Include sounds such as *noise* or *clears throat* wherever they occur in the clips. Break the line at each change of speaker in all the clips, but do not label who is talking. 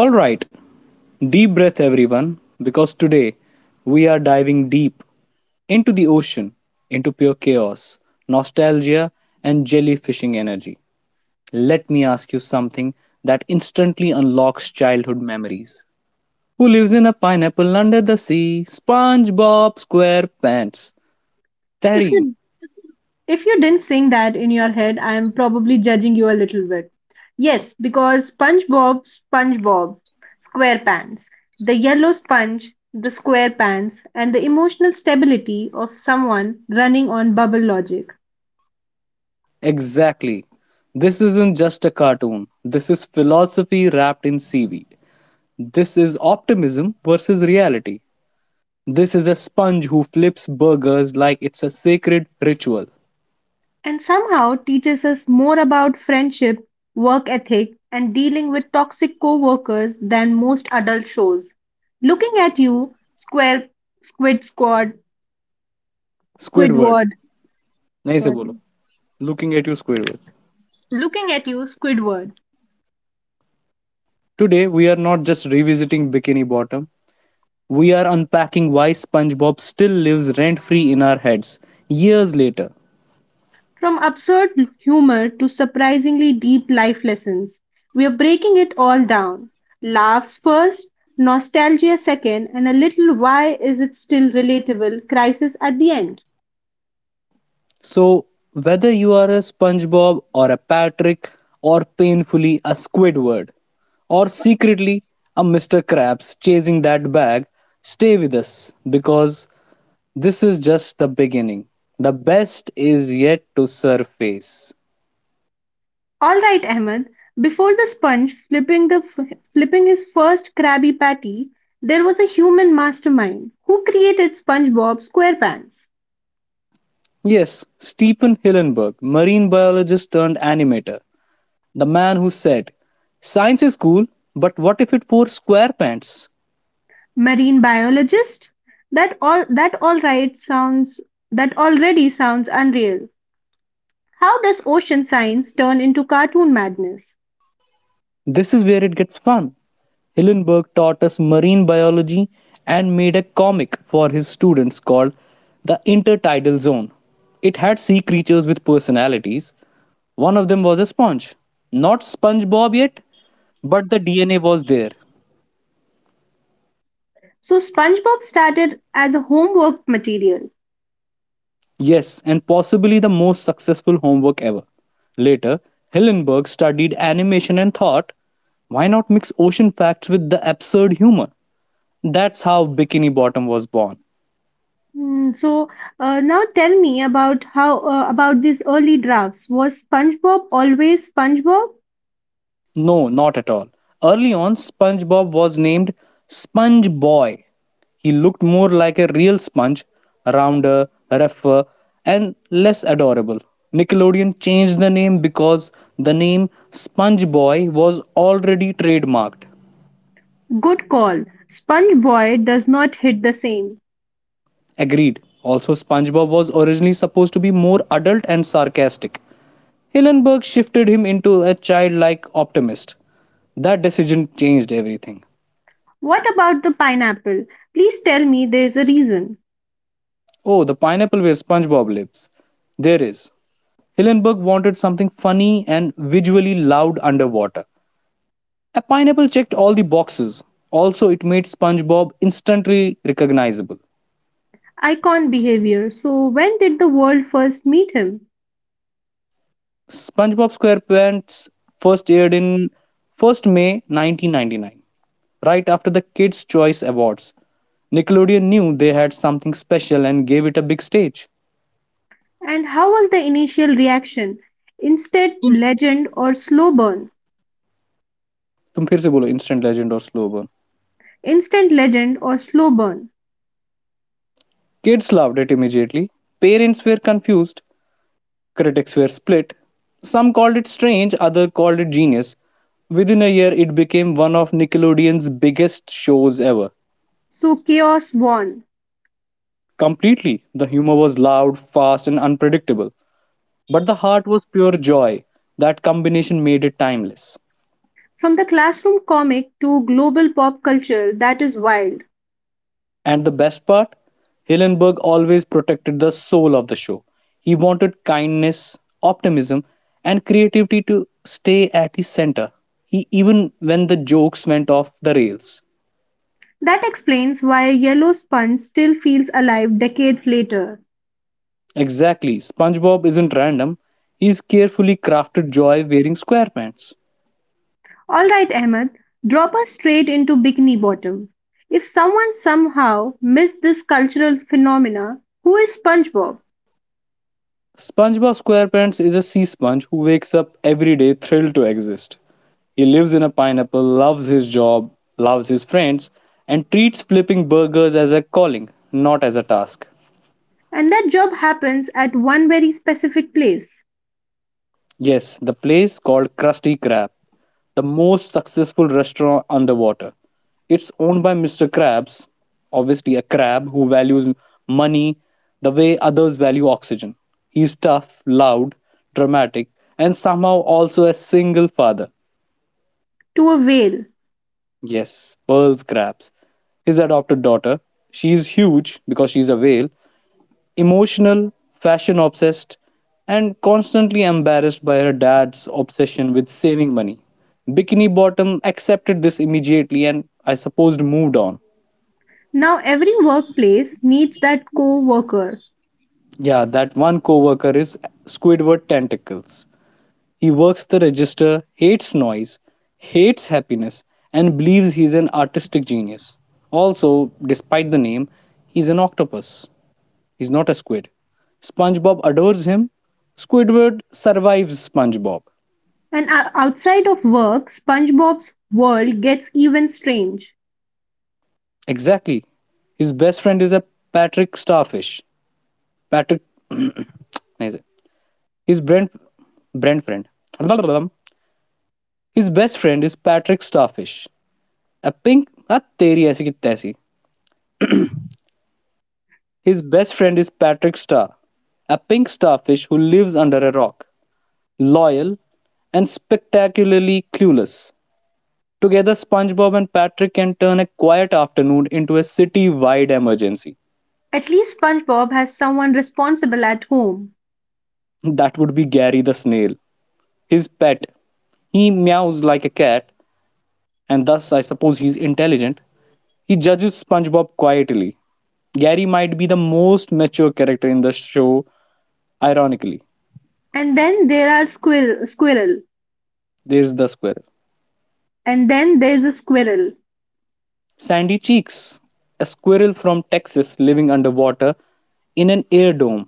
All right, deep breath, everyone, because today we are diving deep into the ocean, into pure chaos, nostalgia, and jellyfishing energy. Let me ask you something that instantly unlocks childhood memories. Who lives in a pineapple under the sea? SpongeBob SquarePants.
If
Tareem,
you if you didn't sing that in your head, I am probably judging you a little bit. Yes, because SpongeBob SquarePants, the yellow sponge, the square pants, and the emotional stability of someone running on bubble logic,
exactly. This isn't just a cartoon. This is philosophy wrapped in seaweed. This is optimism versus reality. This is a sponge who flips burgers like it's a sacred ritual.
and somehow teaches us more about friendship, work ethic, and dealing with toxic co-workers than most adult shows. Looking at you, Square Squid Squad,
Squidward,
Squidward.
nahi se
Sorry.
bolo. Looking at you, Squidward.
Looking at you, Squidward.
Today, we are not just revisiting Bikini Bottom, we are unpacking why SpongeBob still lives rent free in our heads years later.
From absurd humor to surprisingly deep life lessons, we're breaking it all down. Laughs first, nostalgia second, and a little why is it still relatable crisis at the end.
So, whether you are a SpongeBob or a Patrick or painfully a Squidward or secretly a Mr. Krabs chasing that bag, stay with us because this is just the beginning. The best is yet to surface.
All right, Ahmed. Before the sponge flipping the flipping his first Krabby Patty, there was a human mastermind who created SpongeBob SquarePants.
Yes, Stephen Hillenburg, marine biologist turned animator, the man who said, "Science is cool, but what if it wore square pants?"
Marine biologist? That all that that all right sounds That already sounds unreal. How does ocean science turn into cartoon madness?
This is where it gets fun. Hillenburg taught us marine biology and made a comic for his students called The Intertidal Zone. It had sea creatures with personalities. One of them was a sponge. Not SpongeBob yet, but the DNA was there.
So SpongeBob started as a homework material.
Yes, and possibly the most successful homework ever. Later, Hillenburg studied animation and thought, why not mix ocean facts with the absurd humor? That's how Bikini Bottom was born.
So now tell me about how about these early drafts. Was SpongeBob always SpongeBob?
No, not at all. Early on, SpongeBob was named Sponge Boy. He looked more like a real sponge, rounder, rougher, and less adorable. Nickelodeon changed the name because the name Sponge Boy was already trademarked.
Good call. SpongeBoy does not hit the same.
Agreed. Also, SpongeBob was originally supposed to be more adult and sarcastic. Hillenburg shifted him into a childlike optimist. That decision changed everything.
What about the pineapple? Please tell me there is a reason.
Oh, the pineapple where SpongeBob lives. There is. Hillenburg wanted something funny and visually loud underwater. A pineapple checked all the boxes. Also, it made SpongeBob instantly recognizable.
Icon behavior. So, when did the world first meet him?
SpongeBob SquarePants first aired in May 1 1999, right after the Kids' Choice Awards. Nickelodeon knew they had something special and gave it a big stage.
And how was the initial reaction? Instant legend or slow burn?
तुम फिर से बोलो instant legend or slow burn.
Instant legend or slow burn?
Kids loved it immediately. Parents were confused. Critics were split. Some called it strange, others called it genius. Within a year, it became one of Nickelodeon's biggest shows ever.
So, chaos won.
Completely, the humor was loud, fast, and unpredictable. But the heart was pure joy. That combination made it timeless.
From the classroom comic to global pop culture, that is wild.
And the best part? Hillenburg always protected the soul of the show. He wanted kindness, optimism, and creativity to stay at the center. He even when the jokes went off the rails.
That explains why Yellow Sponge still feels alive decades later.
Exactly, SpongeBob isn't random. He's carefully crafted joy wearing squarepants.
Alright, Ahmed, drop us straight into Bikini Bottom. If someone somehow missed this cultural phenomena, who is SpongeBob?
SpongeBob SquarePants is a sea sponge who wakes up every day thrilled to exist. He lives in a pineapple, loves his job, loves his friends, and treats flipping burgers as a calling, not as a task.
And that job happens at one very specific place.
Yes, the place called Krusty Krab, the most successful restaurant underwater. It's owned by Mr. Krabs, obviously a crab who values money the way others value oxygen. He's tough, loud, dramatic, and somehow also a single father.
To a whale.
Yes, Pearl Krabs. His adopted daughter. She is huge because she's a whale. Emotional, fashion obsessed, and constantly embarrassed by her dad's obsession with saving money. Bikini Bottom accepted this immediately and I supposed moved on.
Now every workplace needs that co-worker.
Yeah, that one coworker is Squidward Tentacles. He works the register, hates noise, hates happiness, and believes he's an artistic genius. Also, despite the name, he's an octopus. He's not a squid. SpongeBob adores him. Squidward survives SpongeBob.
And outside of work, SpongeBob's world gets even strange.
Exactly. His best friend is a Patrick Starfish. Patrick. *clears throat* His Brent. Brent friend. His best friend is Patrick Starfish. A pink. A teri aisi ki taisi. His best friend is Patrick Star. A pink starfish who lives under a rock. Loyal and spectacularly clueless. Together, SpongeBob and Patrick can turn a quiet afternoon into a city wide emergency.
At least SpongeBob has someone responsible at home.
That would be Gary the snail, his pet. He meows like a cat, and thus I suppose he's intelligent. He judges SpongeBob quietly. Gary might be the most mature character in the show, ironically.
And then there are squirrel, squirrel.
There's the squirrel.
And then there's a squirrel.
Sandy Cheeks, a squirrel from Texas living underwater in an air dome.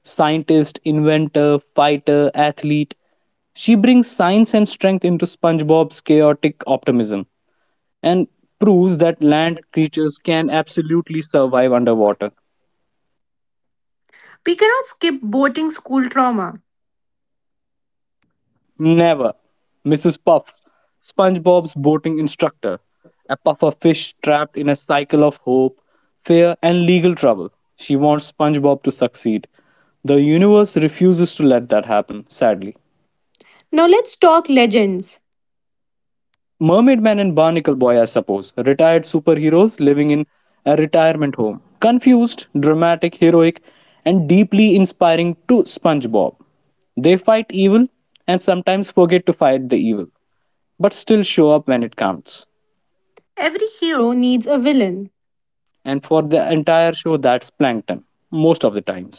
Scientist, inventor, fighter, athlete. She brings science and strength into SpongeBob's chaotic optimism and proves that land creatures can absolutely survive underwater.
We cannot skip boating school trauma.
Never. Mrs. Puff, SpongeBob's boating instructor, a puffer fish trapped in a cycle of hope, fear, and legal trouble. She wants SpongeBob to succeed. The universe refuses to let that happen, sadly.
Now let's talk legends.
Mermaid Man and Barnacle Boy, I suppose, retired superheroes living in a retirement home. Confused, dramatic, heroic, and deeply inspiring to SpongeBob. They fight evil and sometimes forget to fight the evil, but still show up when it counts.
Every hero needs
And for the entire show that's Plankton most of the times.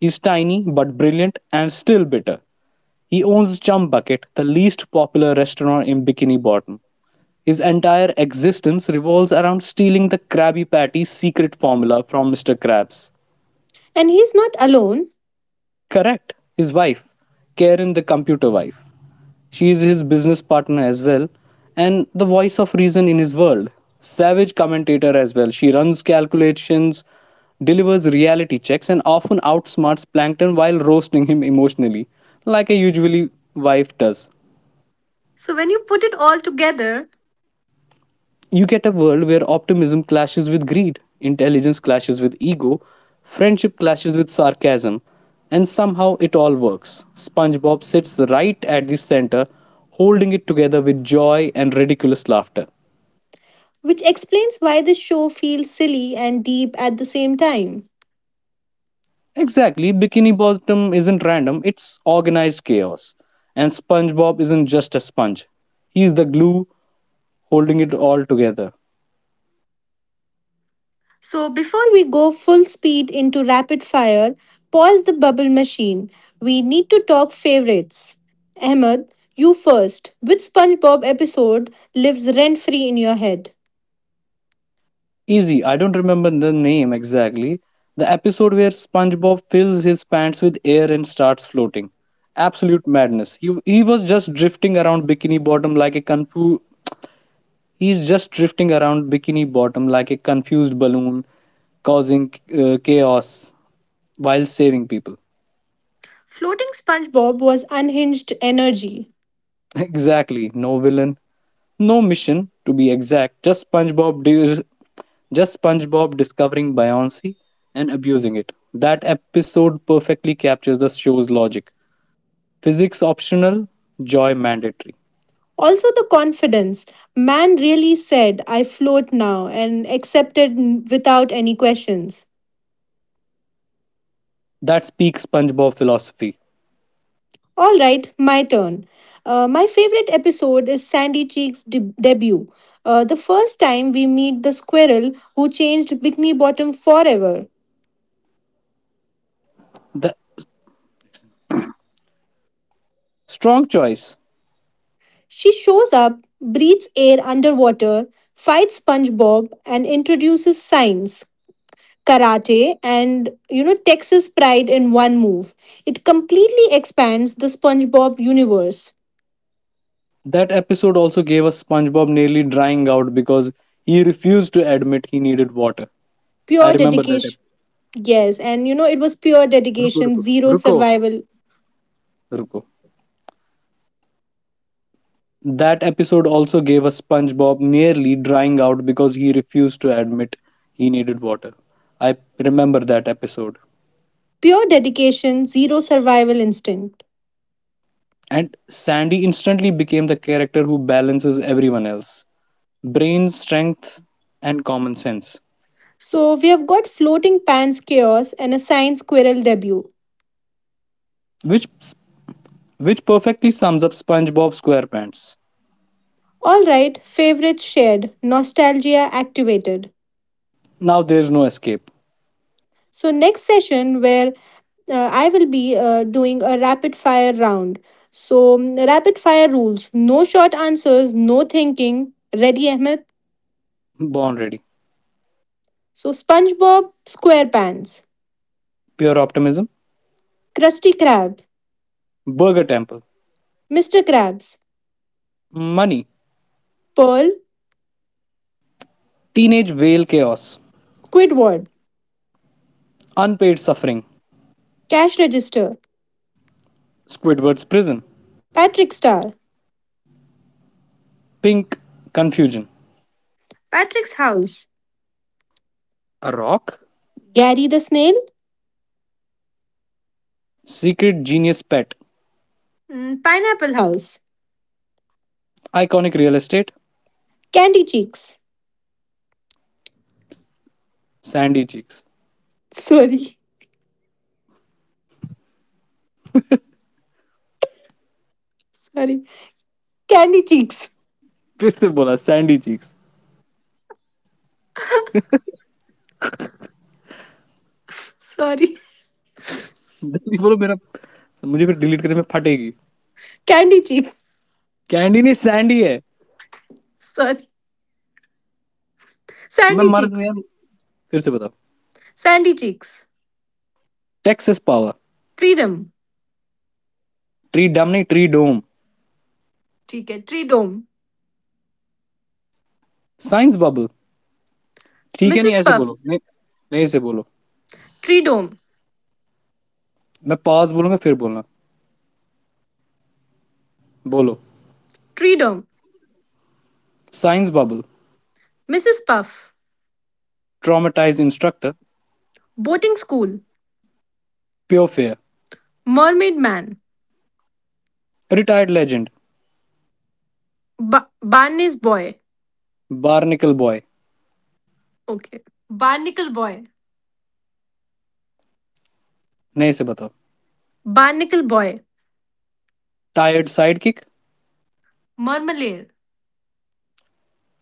He's tiny but brilliant and still bitter. He owns Chum Bucket, the least popular restaurant in Bikini Bottom. His entire existence revolves around stealing the Krabby Patty's secret formula from Mr. Krabs.
an
Correct, his wife Karen, the computer wife. She is his business partner as well and the voice of reason in his world. Savage commentator as well. She runs calculations, delivers reality checks, and often outsmarts Plankton while roasting him emotionally, like a usually wife does. You get a world where optimism clashes with greed, intelligence clashes with ego, friendship clashes with sarcasm, and somehow it all works. SpongeBob sits right at the center, holding it together with joy and ridiculous laughter.
which explains why the show feels silly and deep at the same time.
Exactly, Bikini Bottom isn't random, it's organized chaos. And SpongeBob isn't just a sponge, he's the glue holding it all together.
So, before we go full speed into rapid fire, pause the bubble machine. We need to talk favorites. Ahmed, you first. Which SpongeBob episode lives rent free in your head?
Easy, I don't remember the name exactly. The episode where SpongeBob fills his pants with air and starts floating. Absolute madness. He was just drifting around Bikini Bottom like a he's just drifting around Bikini Bottom like a confused balloon causing chaos while saving people.
Floating SpongeBob was unhinged energy.
*laughs* Exactly. No villain, no mission, to be exact. Just SpongeBob discovering Beyonce and abusing it. That episode perfectly captures the show's logic. Physics optional, joy mandatory.
Also, the confidence. Man really said, I float now, and accepted without any questions.
That speaks SpongeBob philosophy.
All right, my turn. My favorite episode is Sandy debut. The first time we meet the squirrel who changed Bikini Bottom forever.
The strong choice.
She shows up, breathes air underwater, fights SpongeBob, and introduces science, karate, and you know Texas pride in one move. It completely expands the SpongeBob universe.
That episode also gave us SpongeBob nearly drying out because he refused to admit he needed water. I
Pure
remember that episode.
dedication. Yes, and it was
Ruko, Ruko, Ruko, Ruko. That episode also gave us SpongeBob nearly drying out because he refused to admit he needed water. I remember that episode.
pure dedication, zero survival instinct.
And Sandy instantly became the character who balances everyone else brain, strength, and common sense,
So we have got floating pans chaos and a science squirrel debut.
which, which perfectly sums up SpongeBob SquarePants.
Alright, favorites shared, nostalgia activated.
Now there's no escape.
So next session where I will be doing a rapid fire round. So rapid fire rules, no short answers, no thinking. Ready, Ahmed?
Born ready.
So SpongeBob SquarePants,
Pure optimism.
Krusty Krab,
Burger Temple.
Mr. Krabs,
Money.
Pearl,
Teenage whale chaos.
Squidward,
Unpaid suffering.
Cash Register,
Squidward's prison.
Patrick Star,
Pink confusion.
Patrick's house.
A rock?
Gary the snail.
Secret genius pet.
Pineapple house.
Iconic real estate.
Candy cheeks.
Sandy cheeks
Sorry, sorry. Candy cheeks.
फिर से बोला Sandy cheeks
Sorry.
जल्दी बोलो मेरा मुझे फिर delete करने में फटेगी
Candy cheeks.
कैंडी नहीं सैंडी है
Sorry.
मैं
Sandy
मर दूं
cheeks.
यार फिर से बताओ
Sandy cheeks.
Texas power
Freedom.
Treedom नहीं ट्री डोम
ठीक है Freedom.
साइंस बबल ठीक है नहीं
Mrs.
ऐसे
Puff.
बोलो नहीं नहीं ऐसे बोलो
Freedom.
मैं पास बोलूंगा फिर बोलना बोलो
Freedom.
Science bubble
Mrs. Puff.
Traumatize instructor
Boating school.
Pure fair
Mermaid man.
Retired legend
Barney's boy.
Barnacle boy
Okay. Barnacle boy.
नहीं ऐसे बताओ
Barnacle boy.
Tired sidekick
Marmalade.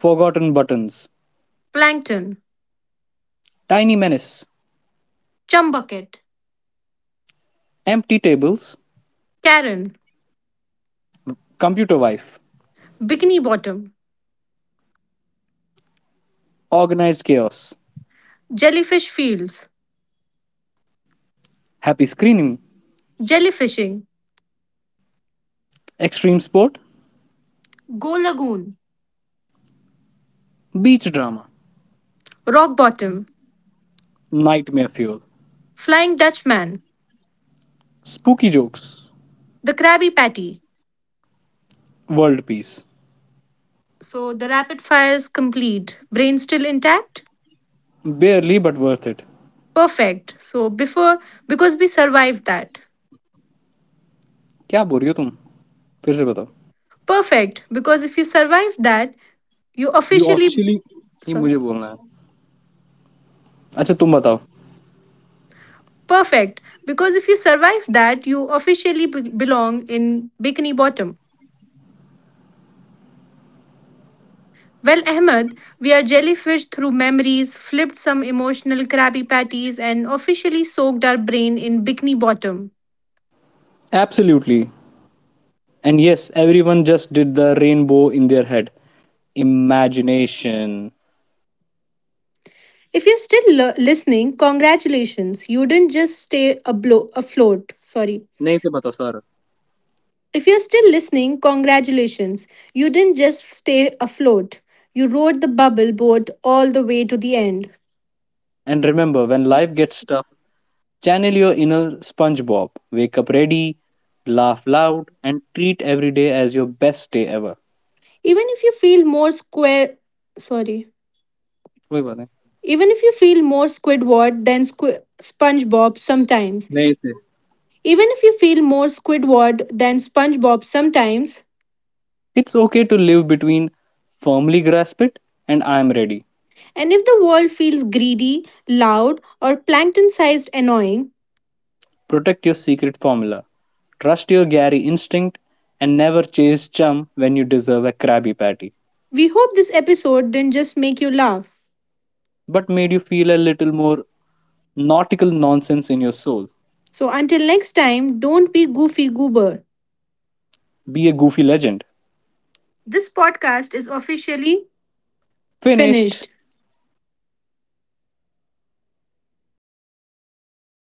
Forgotten buttons
Plankton.
Tiny Menace,
Chum bucket.
Empty Tables,
Karen.
Computer Wife,
Bikini Bottom,
Organized Chaos,
Jellyfish Fields,
Happy Screening,
Jellyfishing,
Extreme Sport,
Go Lagoon,
Beach Drama,
Rock Bottom,
Nightmare Fuel,
Flying Dutchman,
Spooky Jokes,
the Krabby Patty.
World Peace,
So the rapid fire is complete. Brain still intact?
barely but worth it.
Perfect. So before, because we survived that.
क्या बोल रही हो तुम फिर से बताओ
Perfect. Because if you survive that, you
You
officially,
officially? ये
sorry.
मुझे बोलना है अच्छा तुम बताओ
Perfect. Because if you survive that, you belong in Bikini Bottom. Well, Ahmed, we are jellyfished through memories, flipped some emotional Krabby Patties, and officially soaked our brain in Bikini Bottom.
Absolutely. And yes, everyone just did the rainbow in their head. Imagination.
If you're still listening, congratulations. You didn't just stay afloat. Sorry.
नहीं से बताओ sir
If you're still listening, congratulations. You didn't just stay afloat. You rode the bubble boat all the way to the end.
And remember, when life gets tough. Channel your inner SpongeBob. Wake up ready, laugh loud, and treat every day as your best day ever.
Even if you feel more square, sorry.
वही बात है।
Even if you feel more SpongeBob sometimes,
नहीं थे
Even if you feel more Squidward than SpongeBob sometimes,
It's okay to live between firmly grasp it and I am ready.
and if the world feels greedy, loud, or plankton sized annoying,
Protect your secret formula. Trust your Gary instinct and never chase chum when you deserve a Krabby Patty.
we hope this episode didn't just make you laugh.
But made you feel a little more nautical nonsense in your soul.
So until next time, don't be goofy goober.
Be a goofy legend.
This podcast is officially
Finished.
finished.